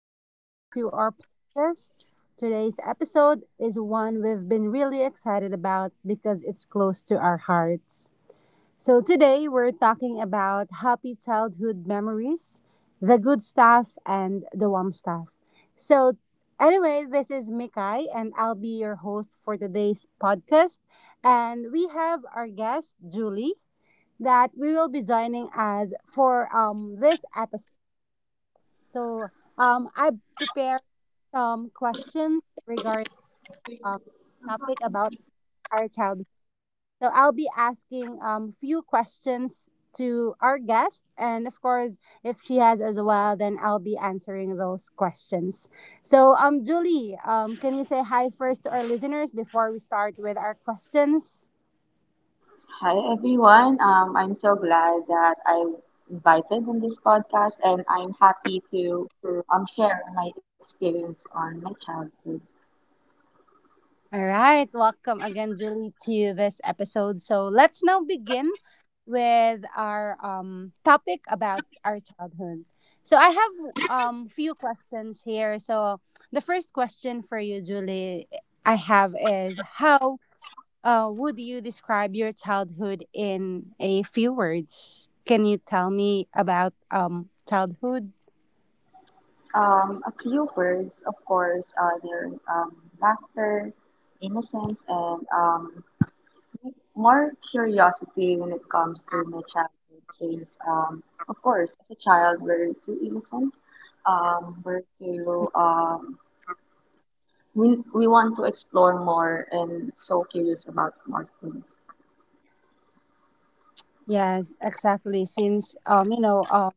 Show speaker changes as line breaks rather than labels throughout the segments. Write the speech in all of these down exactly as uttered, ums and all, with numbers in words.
Welcome back to our podcast. Today's episode is one we've been really excited about because it's close to our hearts. So, today we're talking about happy childhood memories, the good stuff, and the warm stuff. So, anyway, this is Mikai, and I'll be your host for today's podcast. And we have our guest, Julie, that we will be joining us for um, this episode. So um, I prepared some questions regarding um, topic about our childhood. So I'll be asking um few questions to our guest, and of course, if she has as well, then I'll be answering those questions. So um, Julie, um, can you say hi first to our listeners before we start with our questions?
Hi everyone. Um, I'm so glad that I invited in this podcast, and I'm happy to um, share my experience on my childhood.
All right, welcome again, Julie, to this episode. So let's now begin with our um, topic about our childhood. So I have um few questions here. So the first question for you, Julie, I have is how uh, would you describe your childhood in a few words? Can you tell me about um childhood?
Um, a few words, of course, are their um, laughter, innocence, and um, more curiosity when it comes to my childhood. Since, um, of course, as a child, we're too innocent. Um, we're too um, we we want to explore more and so curious about more things.
Yes, exactly. Since um you know um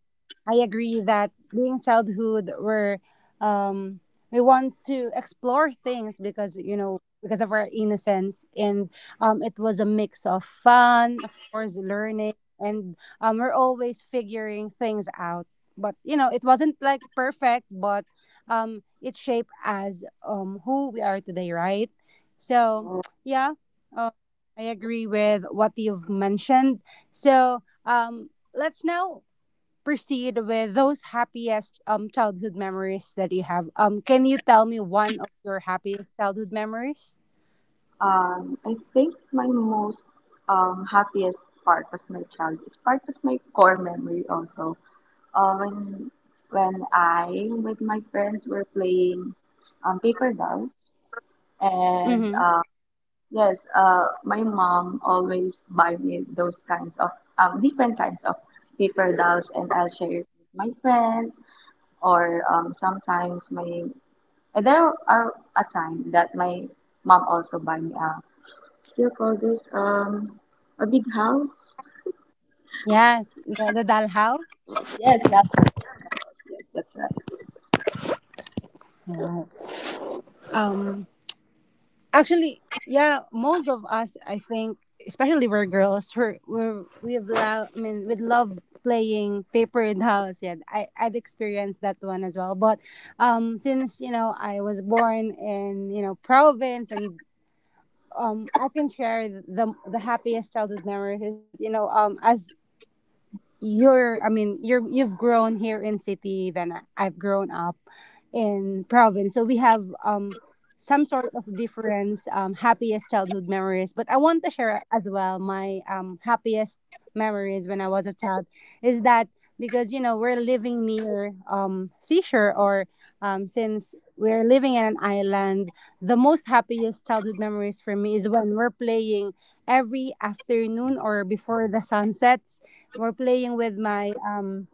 I agree that being childhood, we're um, we want to explore things because you know because of our innocence, and um, it was a mix of fun, of course, learning, and um, we're always figuring things out. But you know, it wasn't like perfect, but um, it shaped as um, who we are today, right? So yeah, uh, I agree with what you've mentioned. So um, let's now proceed with those happiest um childhood memories that you have. Um, can you tell me one of your happiest childhood memories?
Um, I think my most um, happiest part of my child is part of my core memory also. Uh, when when I with my friends were playing um, paper dolls and
Mm-hmm.
uh, yes, uh, my mom always buy me those kinds of um, different kinds of paper dolls, and I'll share it with my friends or um, sometimes my. And there are a time that my mom also buy me a, what do you call this, um, a big house?
Yeah, the, the Dalhao.
Yes, that, house. yes, that's right.
Yeah. Um, actually, yeah, most of us, I think, especially we're girls, we're, we're we've love. I mean, we love playing paper dolls. Yeah, I I've experienced that one as well. But um, since you know I was born in you know province and um, I can share the the happiest childhood memories is that you know um as you're I mean you're you've grown here in city then I've grown up in province, so we have um some sort of difference um happiest childhood memories, but I want to share as well my um happiest memories when I was a child is that because you know we're living near um seashore or um since we're living in an island, the most happiest childhood memories for me is when we're playing every afternoon or before the sunset, we're playing with my um,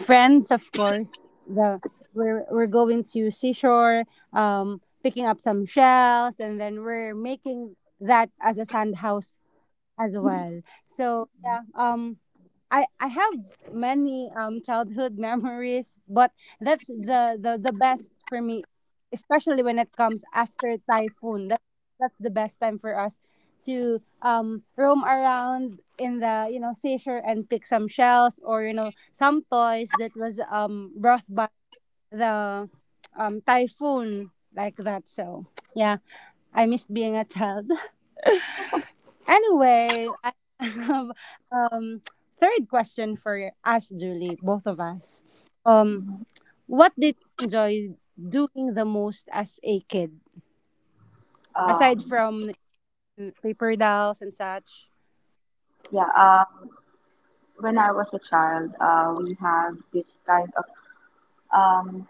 friends, of course. The we're we're going to seashore, um, picking up some shells, and then we're making that as a sand house as well. So yeah, um, I I have many um childhood memories, but that's the the the best for me, especially when it comes after typhoon. That that's the best time for us to um roam around in the you know seashore and pick some shells or you know some toys that was um brought by the um typhoon like that. So yeah, I missed being a child. Anyway, I have um third question for us, Julie, both of us. Um, what did you enjoy doing the most as a kid, aside
Um,
from mm, paper dolls and such?
yeah, um, when I was a child, uh, we have this kind of, um,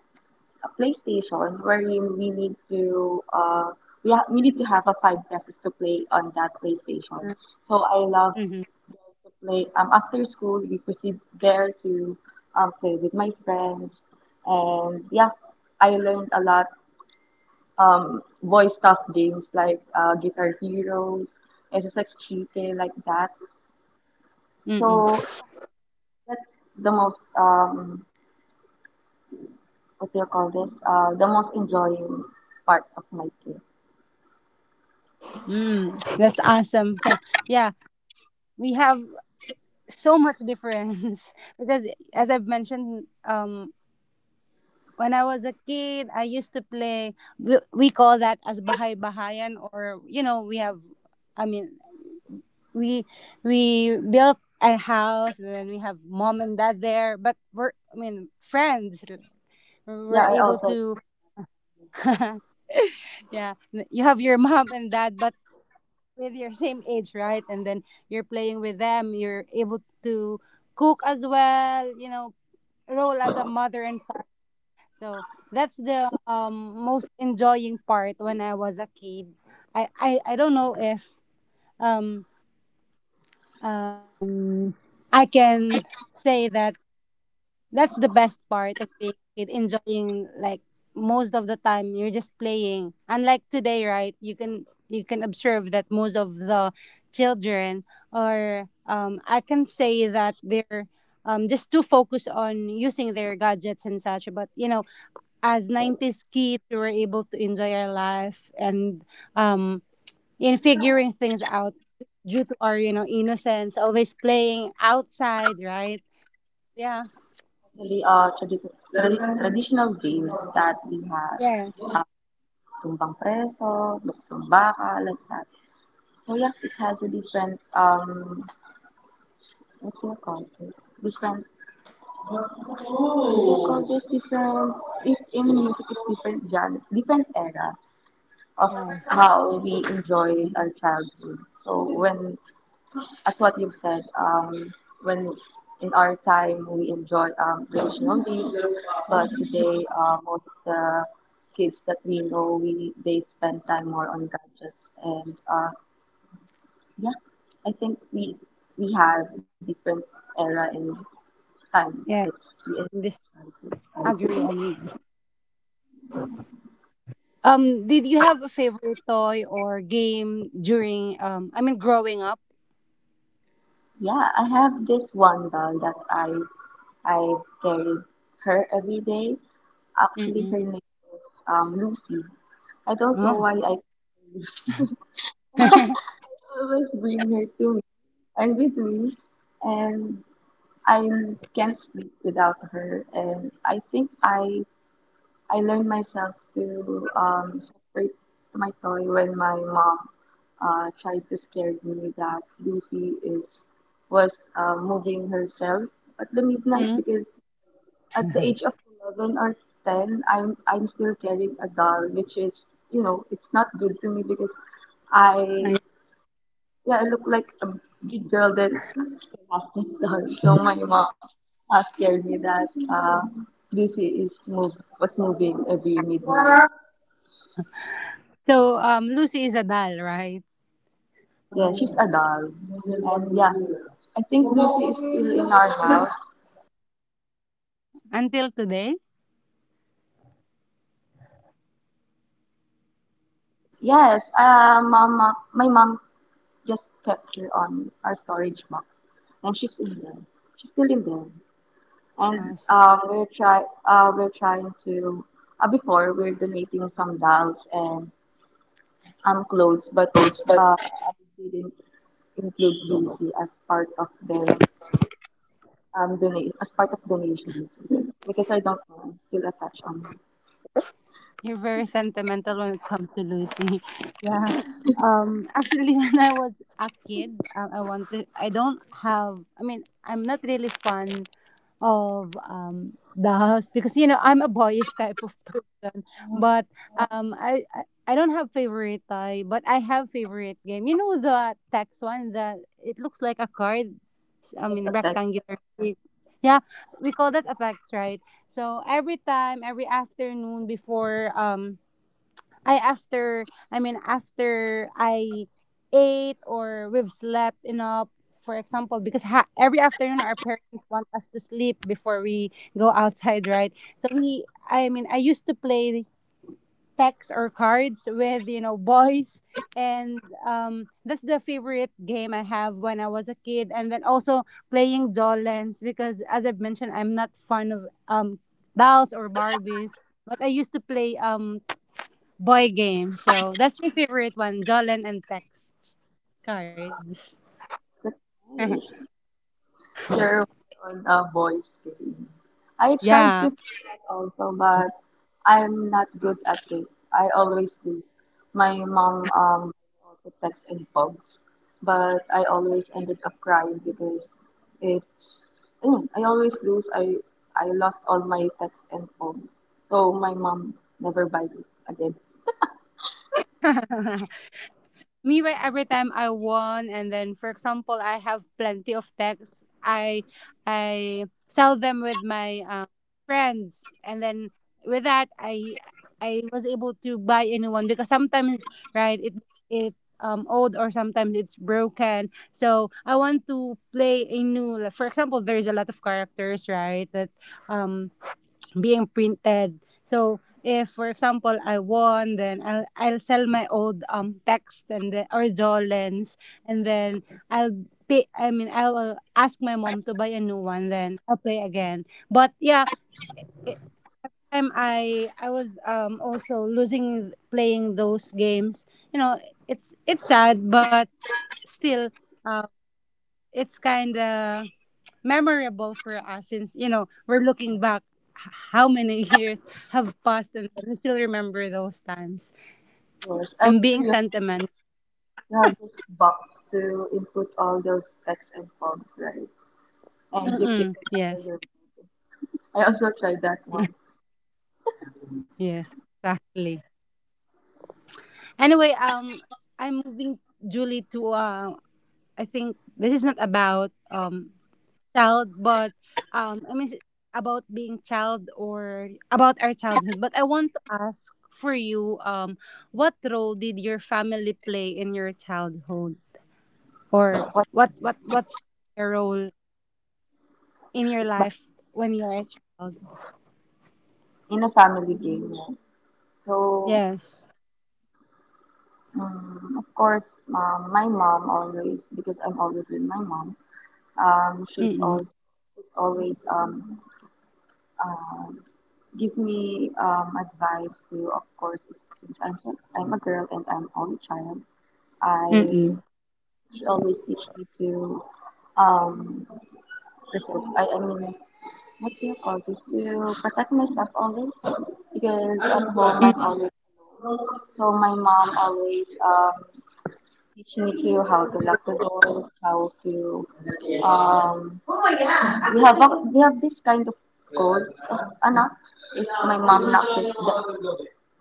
a PlayStation wherein we need to uh we ha we need to have a five pesos to play on that PlayStation. So I love
Mm-hmm.
there to play um after school we proceed there to um play with my friends, and yeah, I learned a lot um boy stuff games like uh Guitar Heroes, S S X G K, like that.
Mm-mm.
So yeah, that's the most um what do you call this? Uh the most enjoying part of my day.
Mm. That's awesome. So yeah, we have so much difference because, as I've mentioned, um, when I was a kid, I used to play. We, we call that as bahay bahayan, or you know, we have I mean, we we built a house and then we have mom and dad there, but we're I mean friends
Yeah,
we're
I
able
also.
to yeah, you have your mom and dad but with your same age, right? And then you're playing with them, you're able to cook as well, you know, role as a mother and father. So that's the um, most enjoying part when I was a kid. i i, I don't know if um um, I can say that that's the best part of being a kid, enjoying like most of the time you're just playing. Unlike today, right? You can you can observe that most of the children are. Um, I can say that they're um, just too focused on using their gadgets and such. But you know, as nineties kids, we were able to enjoy our life and um, in figuring things out due to our you know innocence, always playing outside, right? Yeah.
Actually, ah, tradi- tradi- traditional games that we have,
Yeah.
um, tumbang preso, luksong baka, like that. So yeah, it has a different, um, what do you call this? Different, what do you call this? Different, it, in music, it's different genre, different era of
Yes.
how we enjoyed our childhood. So when as what you've said, um, when in our time we enjoy um, traditional games, but today uh, most of the kids that we know, we they spend time more on gadgets. And uh, yeah, I think we we have a different era and time that
Yeah,
we enjoy
this
childhood.
agree on you. Um did you have a favorite toy or game during um i mean growing up?
Yeah, I have this one doll that I I carried her every day. Actually,
Mm-mm.
her name is um, Lucy. I don't know
Oh.
why I call her Lucy. Always bring her to me and with me, and I can't sleep without her. And I think I I learned myself to um, separate my toy when my mom uh, tried to scare me that Lucy is was uh, moving herself at the midnight
Mhm.
because at the age of eleven or ten, I'm, I'm still carrying a doll, which is, you know, it's not good to me because I, yeah, I look like a big girl that still has that doll. So my mom uh, scared me that uh, Lucy is move, was moving every midnight.
So um, Lucy is a doll, right?
Yeah, she's a doll. And yeah, I think Lucy is still in our house.
Until today.
Yes, uh, mom, my mom just kept her on our storage box, and she's in there. She's still in there, and
Awesome.
um, we're try uh, we're trying to. Uh, before we're donating some dolls and um clothes, but uh, I didn't include Lucy as part of their um donate as part of donations because I don't know. I'm still attached on
You're very sentimental when it comes to Lucy. Yeah. Um. Actually, when I was a kid, um, I wanted. I don't have. I mean, I'm not really fond of um the house because you know I'm a boyish type of person.
her.
But um, I I, I don't have favorite toy, but I have favorite game. You know the text one that it looks like a card. s- I
Yes,
mean,
attached.
rectangular shape. Yeah, we call that a text, right? So every time, every afternoon before um I after I mean after I ate or we've slept enough, for example, because ha- every afternoon our parents want us to sleep before we go outside, right? So we I mean I used to play texts or cards with you know boys, and um that's the favorite game I have when I was a kid. And then also playing Jolens because as I've mentioned, I'm not fond of um dolls or barbies, but I used to play um boy games. So that's my favorite one, Jollen and text cards.
That's nice. There on a voice game. I try
Yeah.
to play that also, but I'm not good at it. I always lose. My mom um also texts and bugs, but I always ended up crying because it's mm, I always lose. I I lost all my texts and phones, so my mom never buy it again.
Me, by every time I won, and then, for example, I have plenty of texts, I I sell them with my um, friends, and then with that, I I was able to buy a new one, because sometimes, right, it it um old or sometimes it's broken, so I want to play a new. Like, for example, there's a lot of characters, right, that um being printed. So if, for example, I won, then I'll, I'll sell my old um text and the or Jolens, and then I'll pay. I mean, I'll ask my mom to buy a new one. Then I'll play again. But yeah, it, time I I was um also losing playing those games. You know, it's it's sad, but still, uh, it's kind of memorable for us, since you know we're looking back h- how many years have passed, and we still remember those times
Yes, I'm
and
sure
being
you
sentimental.
you have this box to input all those texts and forms, right? And you keep
Mm-mm.
it under
Yes.
your bed. I also tried that one,
Yes, exactly. Anyway, um, I'm moving, Julie, to uh, I think this is not about um child, but um i mean s- about being child or about our childhood, but I want to ask for you, um, what role did your family play in your childhood? Or
but
what what what's your role in your
it's by,
life when you are a child?
in a family game. Right? So,
Yes.
um, of course, um, my mom always because I'm always with my mom. Um, she's
Mm-mm.
always she's always um, uh, give me um, advice to, of course, since I'm I'm a girl and I'm only child. I
Mm-mm.
She always teach me to um preserve I, I mean, what do you call this? To protect myself always because at home
Mm-.
I'm always, so my mom always um teach me to how to lock the doors, how to um we have a, we have this kind of code of ano if my mom locks it that,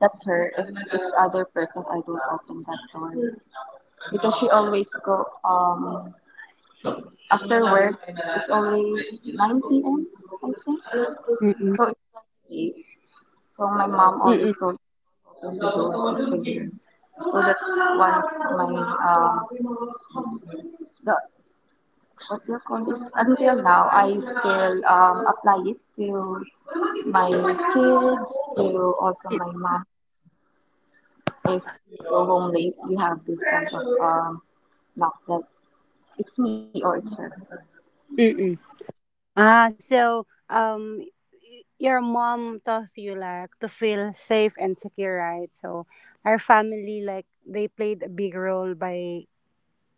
that's her, if it's other person I don't open that door, because she always go um after work it's always nine p m. I think so
Mm-mm.
it's like late. So my mom always
Mm-mm.
told me the doors to do experience. So that's one of my um the what do you call this? Until now, I still um, apply it to my kids, to also my mom. If you go home late, we have this kind of um, knock that it's me or it's her.
Mm-mm. Ah, so um, y- your mom taught you like to feel safe and secure, right? So our family, like they played a big role by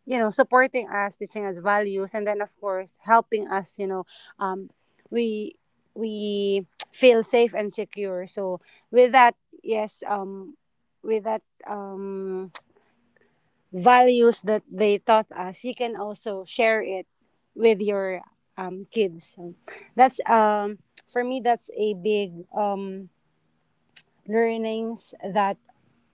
you know supporting us, teaching us values, and then, of course, helping us, you know, um, we we feel safe and secure. So with that, yes, um, with that um values that they taught us, you can also share it with your um kids. So that's um, for me, that's a big um learnings that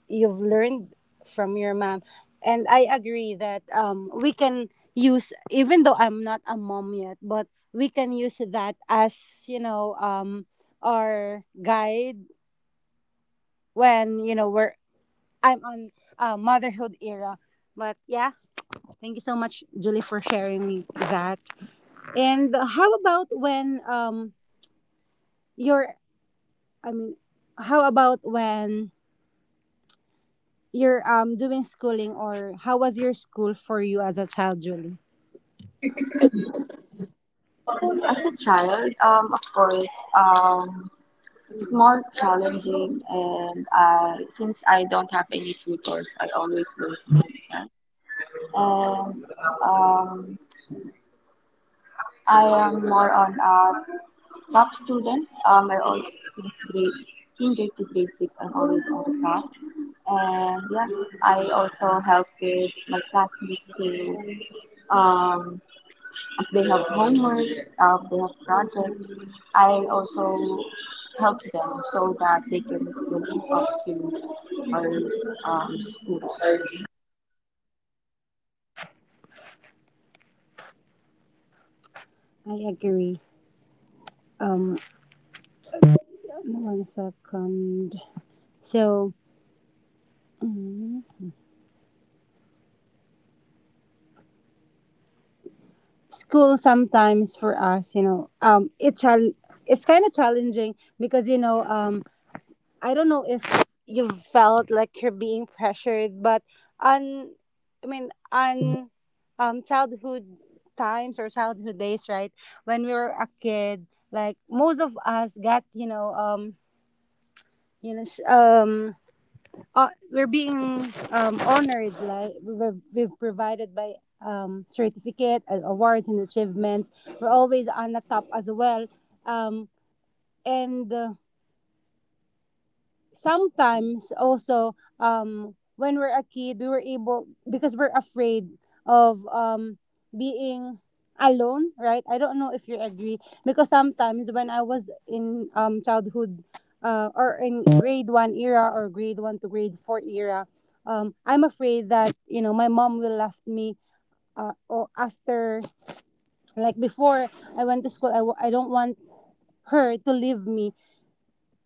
you've learned from your mom. And I agree that um, we can use, even though I'm not a mom yet, but we can use that as you know um, our guide when you know we're I'm on uh, motherhood era. But yeah, thank you so much, Julie, for sharing me that. And how about when um, you're I mean, how about when you're um, doing schooling, or how was your school for you as a child, Julie?
As a child, um, of course, um, more challenging, and I since I don't have any tutors, I always learn to myself. And um, I am more on a top student. Um, I always since grade in grade to grade six, I'm always on the top. And yeah, I also help with my classmates to um, if they have homework, uh, if they have projects. I also help them so that they can still keep up to our um, schools.
I agree. Um, one second. So, mm, school sometimes for us, you know, um, it chal- it's kind of challenging because you know, um, s- I don't know if you felt like you're being pressured, but on, I mean, on, um, childhood times or childhood days, right? When we were a kid, like most of us got, you know, um, you know, s- um uh, we're being um, honored like we were, we've provided by um, certificate uh, awards and achievements. We're always on the top as well. Um, and uh, Sometimes also um when we're a kid we were able because we're afraid of um being alone, right? I don't know if you agree, because sometimes when I was in um childhood, uh, or in grade one era, or grade one to grade four era, um I'm afraid that you know my mom will left me, uh, or after, like, before I went to school. I w- I don't want her to leave me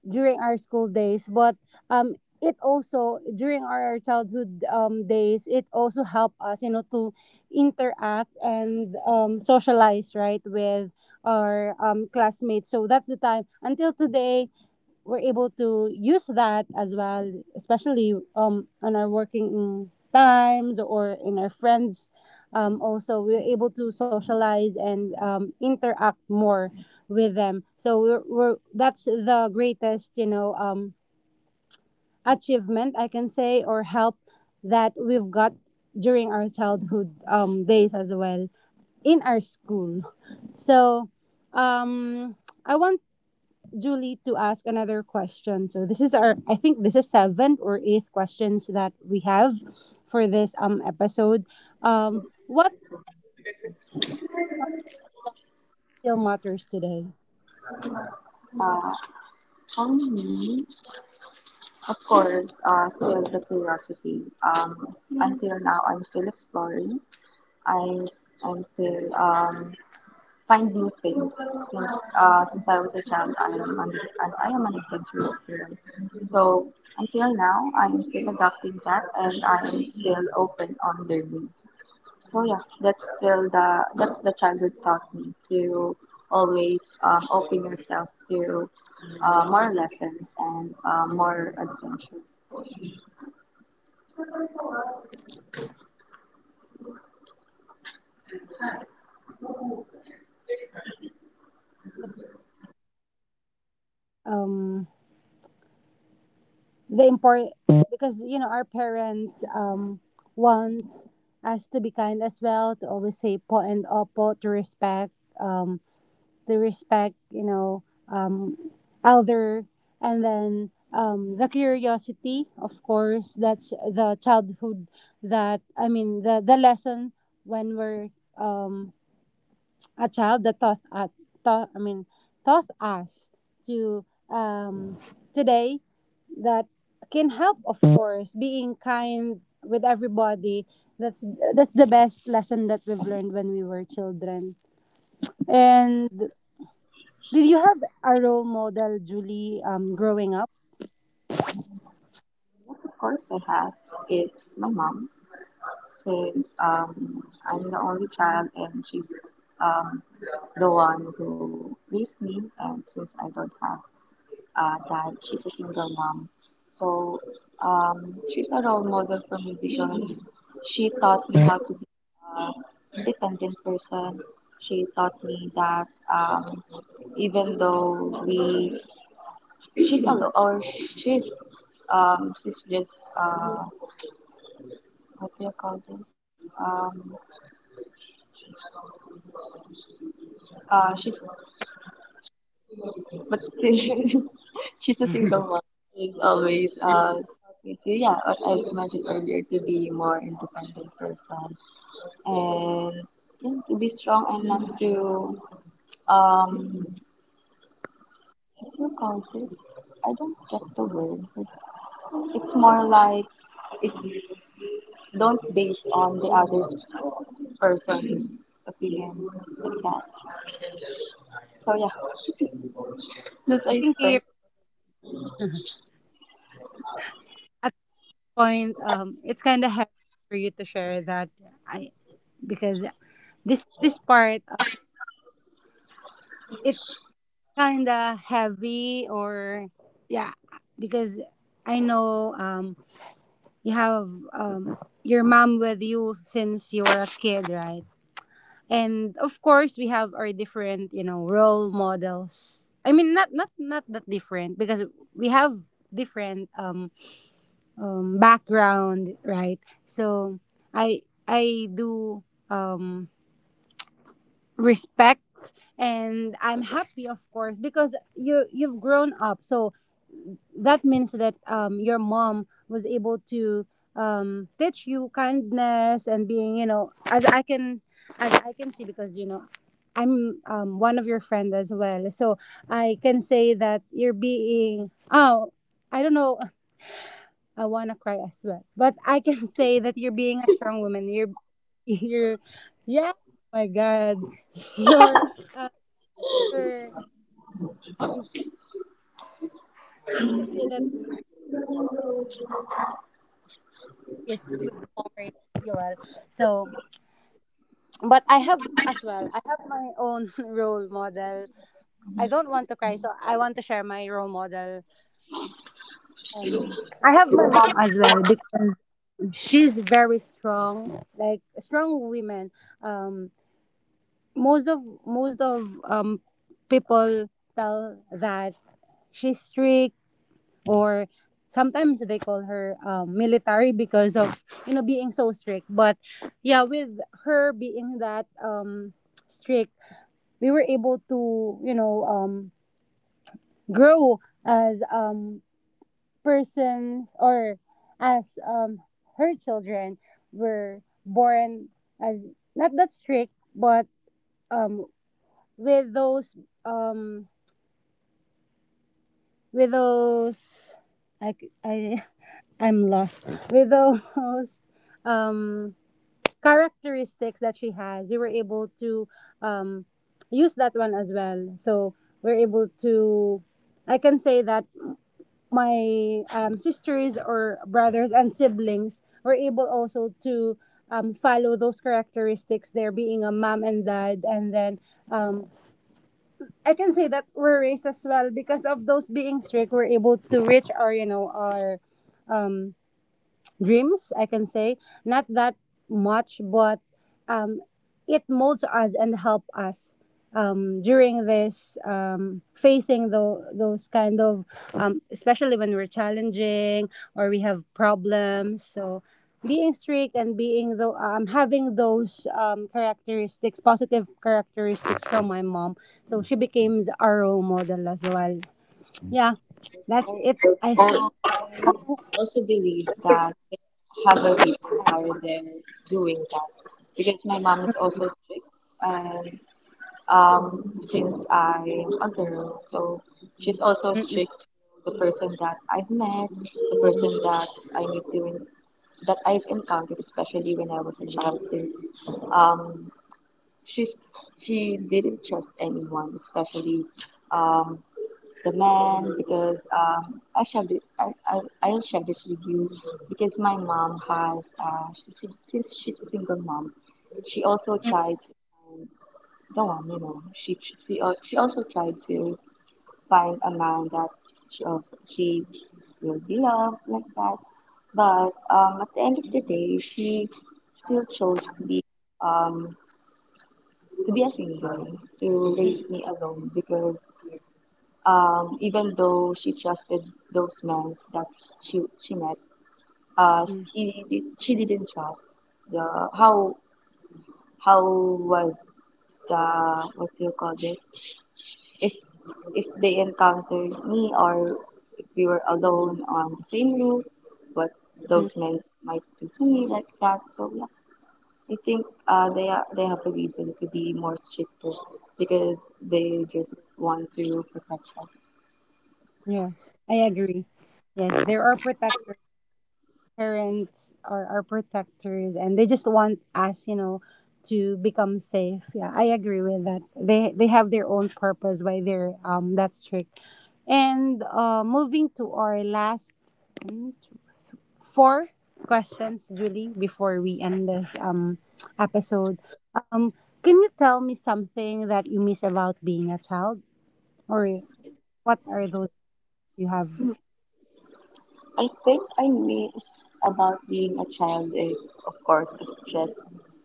during our school days. But um it also during our childhood um, days, it also helped us, you know, to interact and um, socialize, right, with our um, classmates. So that's the time until today we're able to use that as well, especially um on our working times or in our friends. Um, also, we're able to socialize and um, interact more with them. So we're, we're that's the greatest, you know, um achievement, I can say, or help that we've got during our childhood um days as well in our school. So um I want Julie to ask another question. So this is our, I think this is seventh or eighth questions that we have for this um episode. Um, what still matters today?
Uh, for me, of course, uh, still the curiosity. Um, until now, I'm still exploring. I am still um, find new things since uh, since I was a child I am an, and I am an adventurous student. So until now I am still adapting that and I am still open on learning. So yeah, that's still the that's the childhood taught me to always um, open yourself to uh, more lessons and uh, more adventure.
Um the import, because you know our parents um want us to be kind as well, to always say po and opo, to respect. Um, the respect, you know, um, elder, and then um, the curiosity, of course. That's the childhood that, I mean, the, the lesson when we're um, a child that taught us, taught, I mean, taught us to um, today, that can help, of course, being kind with everybody. That's that's the best lesson that we've learned when we were children. And did you have a role model, Julie, um, growing up?
Yes, of course I have. It's my mom. Since um, I'm the only child and she's um, the one who raised me. And since I don't have a dad, she's a single mom. So um, she's a role model for me because she taught me how to be a independent person. She taught me that um, even though we, she's alone or she's um, she's just uh, what do you call this? Um, Uh, she's but still she's a single mom. She's always uh taught me to yeah, what I mentioned earlier to be more independent person and yeah, to be strong and not to um what do you call this? I don't get the word. It's more like it don't base on the other person's opinion like that. So yeah, that's
I
I
think you
think.
at the point um it's kind of heavy for you to share that. I because this this part, uh, it's kind of heavy, or yeah, because I know um you have um your mom with you since you were a kid, right? And of course we have our different, you know, role models. I mean, not not not that different, because we have different um um, background, right? So I I do um, respect, and I'm happy, of course, because you, you've grown up. So that means that um, your mom was able to um, teach you kindness and being, you know, as I can as I can see, because you know I'm um, one of your friend as well. So I can say that you're being, oh, I don't know, I wanna cry as well. But I can say that you're being a strong woman. You're you're yeah. Oh my God, you're uh, you're I can say that yes, you've always you are. So, but I have as well. I have my own role model. I don't want to cry, so I want to share my role model. Um, I have my mom as well because she's very strong, like strong women. Um, most of most of um people tell that she's strict, or sometimes they call her um, military because of, you know, being so strict. But yeah, with her being that um strict, we were able to, you know, um grow as um persons, or as um her children were born as not that strict. But um with those um with those i I I'm lost. With those um characteristics that she has, we were able to um use that one as well. So we're able to, I can say that my um, sisters or brothers and siblings were able also to um, follow those characteristics, there being a mom and dad. And then um, I can say that we're raised as well, because of those being strict, we're able to reach our, you know, our um, dreams, I can say, not that much. But um, it molds us and help us um, during this um, facing the those kind of um, especially when we're challenging, or we have problems. So being strict and being though, um, having those um, characteristics, positive characteristics, from my mom, so she became our role model as well. Yeah, that's it, I
So
think.
I also believe that they have a reason why they're doing that, because my mom is also strict. And um since I'm a girl so she's also
Mm, mm,
strict to the person that I've met, the person that I need to that I've encountered, especially when I was a child, since um she's she didn't trust anyone, especially um the man, because um, I shall be I, I, I shall be with you because my mom has uh, she, she, since she's a single mom, she also
mm,
tried to find the one you know she she al- she also tried to find a man that she also she will be loved like that, but um, at the end of the day she still chose to be um to be a single to raise
mm,
me alone because um, even though she trusted those men that she she met, uh,
mm,
he did, she didn't trust the how how was the what do you call this if if they encountered me or if we were alone on the same roof, what
mm.
those men might do to me like that. So yeah, I think uh, they are they have a reason to be more stricter because they just want to protect us.
Yes, I agree. Yes, there are protectors. Parents are, are protectors, and they just want us, you know, to become safe. Yeah, I agree with that. They they have their own purpose why they're um that strict. And uh, moving to our last mm, four questions, Julie, before we end this um episode. Um, can you tell me something that you miss about being a child, or what are those you have?
I think I miss about being a child is, of course, a just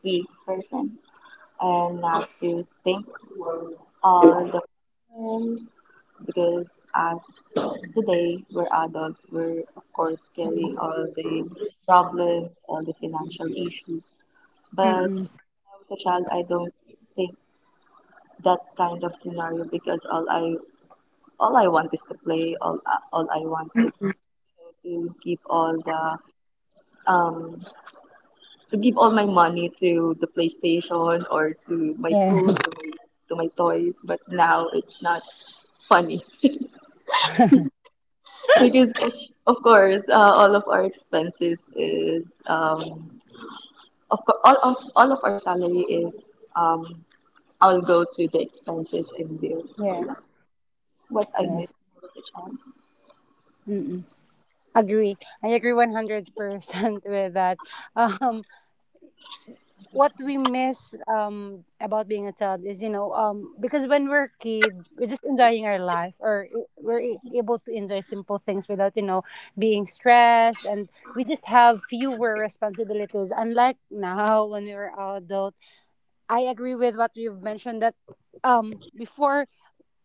be person and not to think all the problems because as today we're adults, we're of course carrying all the problems, all the financial issues. But
Mm-mm.
when I was a child, I don't think that kind of scenario because all I all I want is to play. All all I want is to keep all the um to give all my money to the PlayStation or to my food,
Yeah.
to my, to my toys, but now it's not funny because of course uh, all of our expenses is um of course all of all of our salary is um all go to the expenses and bills. So yeah,
Yes.
what I miss
Yes.
most as a child.
Mm-mm. Agree. I agree one hundred percent with that. Um, what we miss um, about being a child is, you know, um, because when we're a kid, we're just enjoying our life, or i- we're a- able to enjoy simple things without, you know, being stressed. And we just have fewer responsibilities. Unlike now when we were adult, I agree with what you've mentioned that um, before,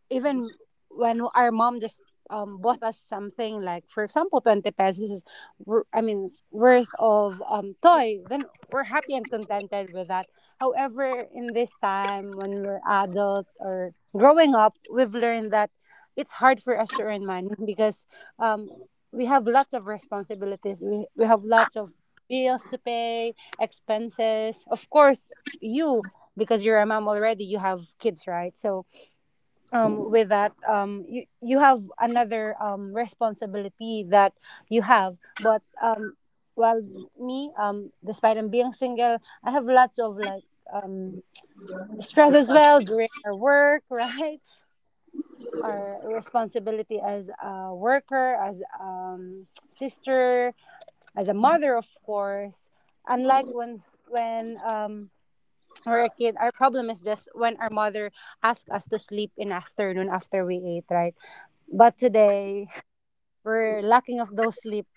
even when our mom just um, bought us something, like for example twenty pesos wor- i mean worth of um, toy, then we're happy and contented with that. However, in this time when we're adult or growing up, we've learned that it's hard for us to earn money because um, we have lots of responsibilities. We, we have lots of bills to pay, expenses, of course. You, because you're a mom already, you have kids, right? So um, with that um, you, you have another um, responsibility that you have. But um, well, me um, despite I'm being single, I have lots of like um, stress as well during our work, right? Our responsibility as a worker, as um, sister, as a mother, of course. Unlike when when um, we're a kid, our problem is just when our mother asks us to sleep in afternoon after we ate, right? But today, we're lacking of those sleep.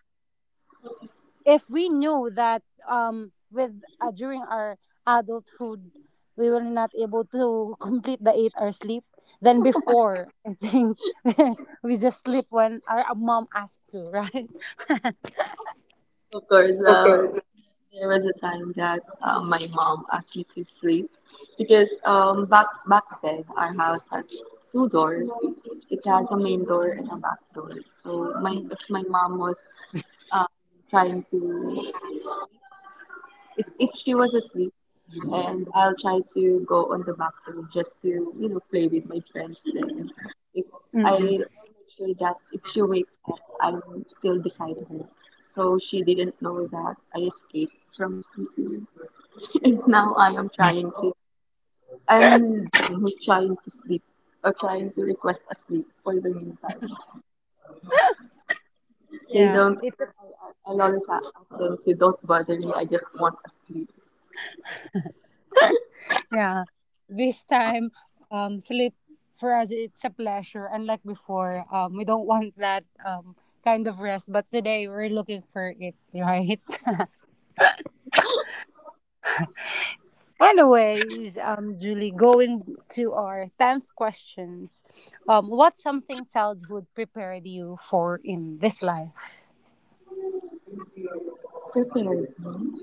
If we knew that um, with uh, during our adulthood, we were not able to complete the eight hour sleep, then before, I think we just sleep when our uh, mom asked to, right?
Of course, uh, there was a time that uh, my mom asked me to sleep because um, back back then our house has two doors. It has a main door and a back door. So my
Mm,
if my mom was um, trying to if, if she was asleep and I'll try to go on the bathroom just to, you know, play with my friends then if I I'll
mm-mm.
make sure that if she wakes up I'm still beside her. So she didn't know that I escaped from sleeping. And now I am trying to I'm the one who's trying to sleep or trying to request a sleep for the meantime. They
Yeah,
don't
it,
I, I- I'll always a- ask them to don't bother me, I just want a sleep.
yeah. This time, um, sleep for us it's a pleasure. Unlike before, um, we don't want that um kind of rest, but today we're looking for it, right? Anyways, um, Julie, going to our tenth questions, um, what's something childhood prepared you for in this life?
Definitely.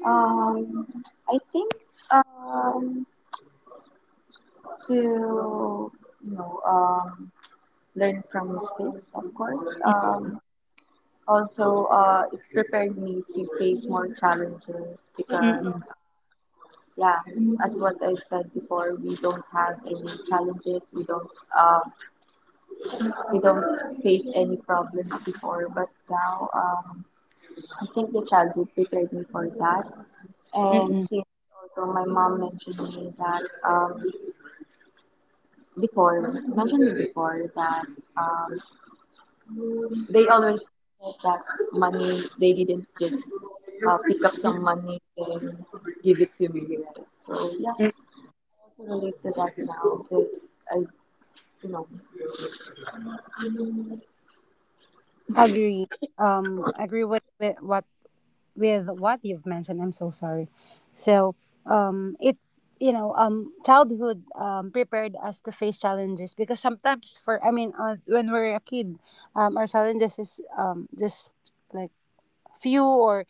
Um, I think um, to you know um, learn from mistakes, of course. Um, also, uh, it's prepared me to face more challenges because,
Mm-mm,
yeah, as what I said before, we don't have any challenges. We don't uh, we don't face any problems before, but now um, I think the childhood prepared me for that. And
mm-mm,
since also my mom mentioned me that um, before, mentioned me before that um, they always said that money, they didn't just uh, pick up some money and give it to me. Right? So yeah,
mm-mm.
I also relate to that now because I, you know,
Agree. Um, agree with, with what with what you've mentioned. I'm so sorry. So, um, it you know, um, childhood um prepared us to face challenges, because sometimes for I mean, uh, when we're a kid, um, our challenges is um just like few or.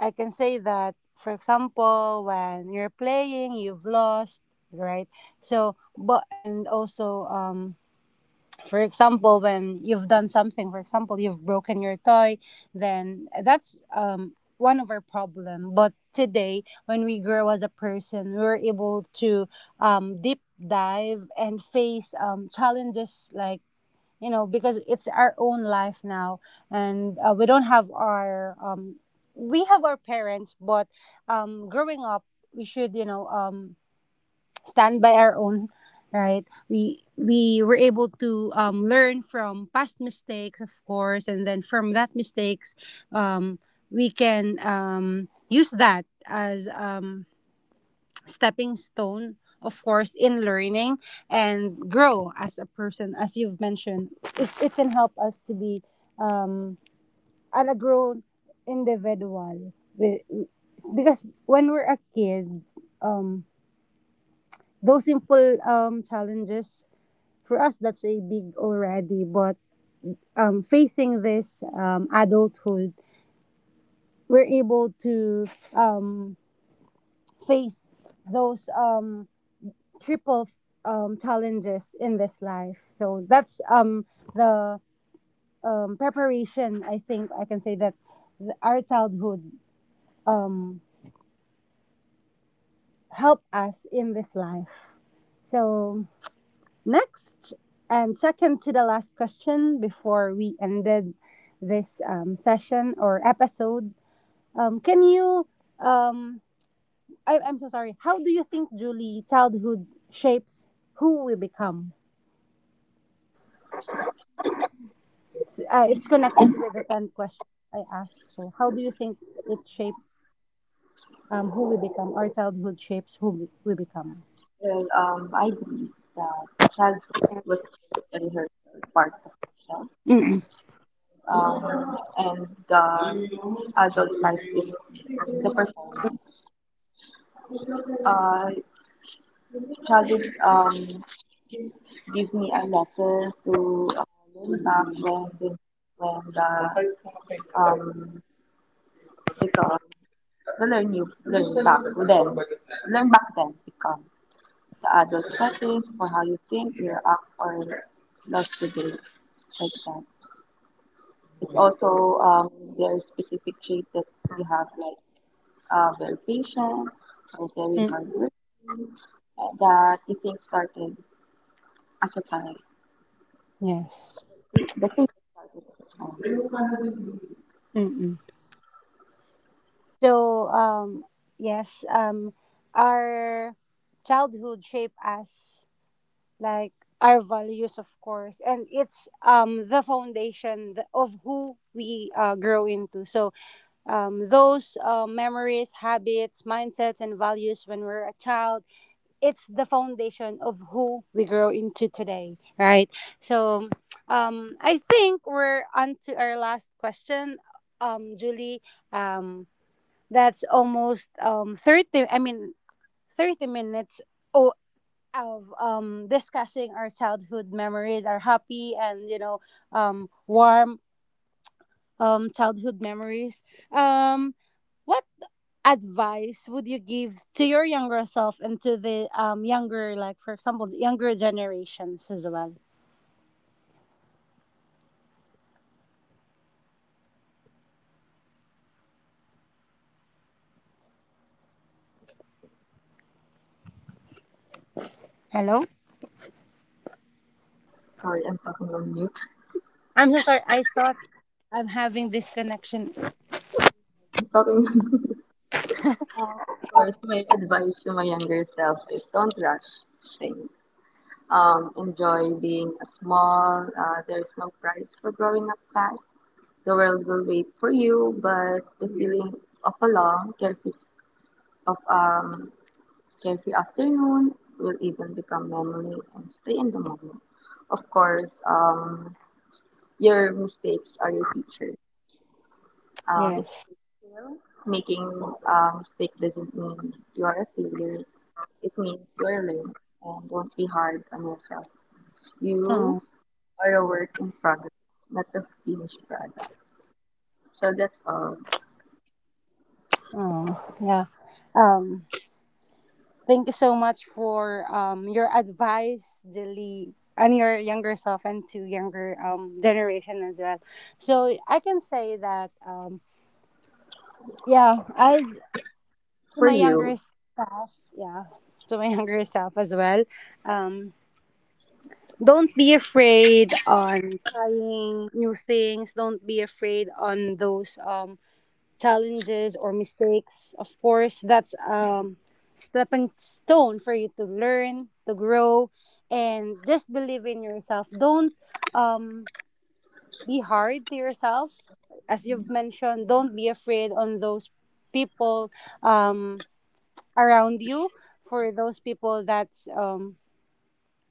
I can say that, for example, when you're playing, you've lost, right? So, but and also, um, for example, when you've done something, for example, you've broken your toy, then that's um one of our problem. But today, when we grow as a person, we're able to um deep dive and face um challenges, like you know, because it's our own life now, and uh, we don't have our um we have our parents, but um growing up we should, you know, um stand by our own, right? We we were able to um, learn from past mistakes, of course, and then from that mistakes um we can um use that as um stepping stone, of course, in learning and grow as a person, as you've mentioned. It, it can help us to be um an a grown individual with, because when we're a kid um those simple um challenges for us that's a big already. But um facing this um adulthood, we're able to um face those um triple um, challenges in this life. So that's um, the um, preparation. I think I can say that th- our childhood um, helped us in this life. So next, and second to the last question before we ended this um, session or episode, um, can you? Um, I, I'm so sorry. How do you think, Julie, childhood shapes who we become? It's, uh, it's connected with the tenth question I asked. So, how do you think it shaped um, who we become? Our childhood shapes who we, we become.
well, um, I believe that childhood was just a rehearsal part of myself
Mm-mm.
um, and the adult life is the performance. Uh, childhood um, gives me a lesson to uh, learn back when the, when the um, because the learn you learn back then learn back then become the adult settings for how you think, react, or lost today. Day like that. It's also um, their specific trait that you have, like uh, very patient or very
Mm.
hard work uh, that you think started as a child.
Yes.
The thing that started as a child.
Mm-mm. So, um, yes, um, our childhood shape us like our values, of course, and it's um, the foundation th- of who we uh, grow into. So, um, those uh, memories, habits, mindsets, and values when we're a child, it's the foundation of who we grow into today, right? So, um, I think we're on to our last question, um, Julie. Um, that's almost um thirty. I mean, thirty minutes. o- of um discussing our childhood memories, our happy and you know um warm um, childhood memories. Um, what advice would you give to your younger self, and to the um, younger, like for example, the younger generations as well? Hello,
Sorry, I'm talking on mute.
I'm so sorry. I thought I'm having this connection.
I'm talking on mute. Um, of course, my advice to my younger self is don't rush things. Um, enjoy being a small. Uh, there's no price for growing up fast. The world will wait for you, but the feeling of along, there is of um every afternoon will even become memory and stay in the moment. Of course, um, your mistakes are your teacher. Um, it's
Yes.
a big skill. Making a mistake doesn't mean you are a failure. It means you are learning. And don't be hard on yourself. You
Oh,
are a work in progress, not a finished product. So that's all
oh, yeah. Um, thank you so much for um your advice, Jelly, and your younger self and to younger um generation as well. So I can say that um yeah, as to
for
my younger
you.
self, yeah, to my younger self as well. Um, don't be afraid on trying new things. Don't be afraid on those um challenges or mistakes. Of course, that's um stepping stone for you to learn, to grow, and just believe in yourself. Don't um be hard to yourself, as you've mentioned. Don't be afraid on those people. Um, around you, for those people that um,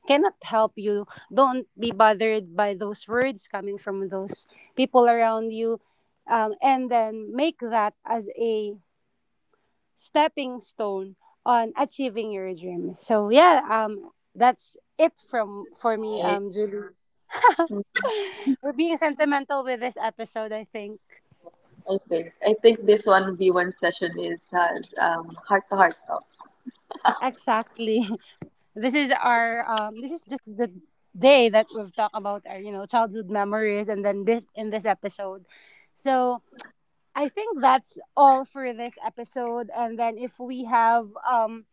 cannot help you, don't be bothered by those words coming from those people around you. Um, and then make that as a stepping stone on achieving your dream. So yeah, um, that's it from for me, um Julie. We're being sentimental with this episode, I think.
I think. I think this one v one session is has um heart to heart talk.
Exactly. This is our um, this is just the day that we've talked about our, you know, childhood memories, and then this in this episode. So I think that's all for this episode, and then if we have um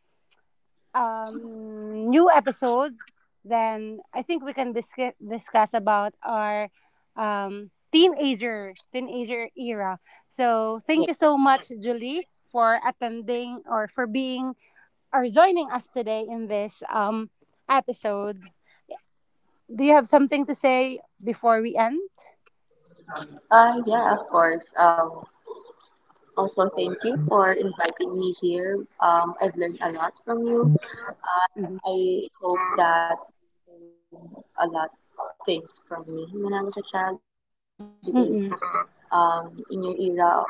um new episode, then I think we can discuss discuss about our um teenager teenager era. So
Yeah.
thank you so much, Julie, for attending or for being are joining us today in this um, episode. Do you have something to say before we end?
Uh, yeah, of course. Um, also, thank you for inviting me here. Um, I've learned a lot from you.
Mhm.
I hope that you learned a lot of things from me when I was a child because um,
Mm-mm.
in your era, um,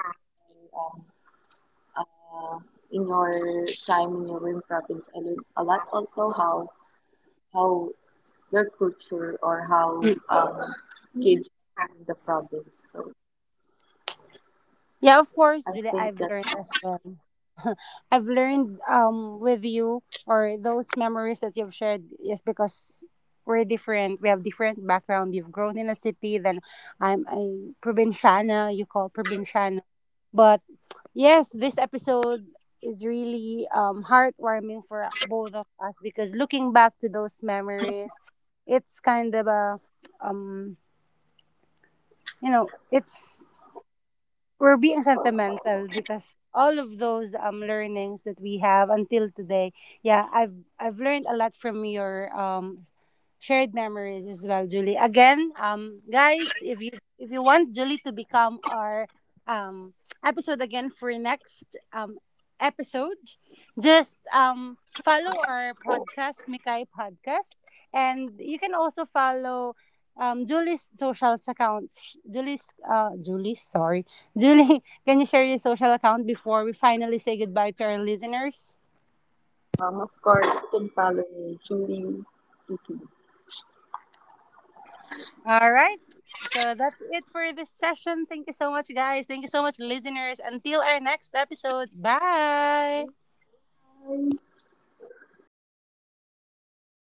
uh, in your time in your home province, I learned a lot also how how your culture or how um,
Mm.
kids in the province. So
Yeah,
I
of course,
think
Julie.
that's
I've
all.
learned as well. I've learned um, with you, or those memories that you've shared, is because we're different. We have different background. You've grown in a city, then I'm a provinciana. You call provinciana, but yes, this episode is really um, heartwarming for both of us, because looking back to those memories, it's kind of a, um, you know, it's we're being sentimental because all of those um learnings that we have until today. Yeah, I've I've learned a lot from your um shared memories as well, Julie. Again, um, guys, if you if you want Julie to become our um episode again for next um episode, just um follow our podcast, Mikai Podcast, and you can also follow um Julie's social accounts. Julie's uh Julie, sorry, Julie, can you share your social account before we finally say goodbye to our listeners?
Um, of course, Tim Fallon, Julie Kiki.
All right. So that's it for this session. Thank you so much, guys. Thank you so much, listeners. Until our next episode. Bye.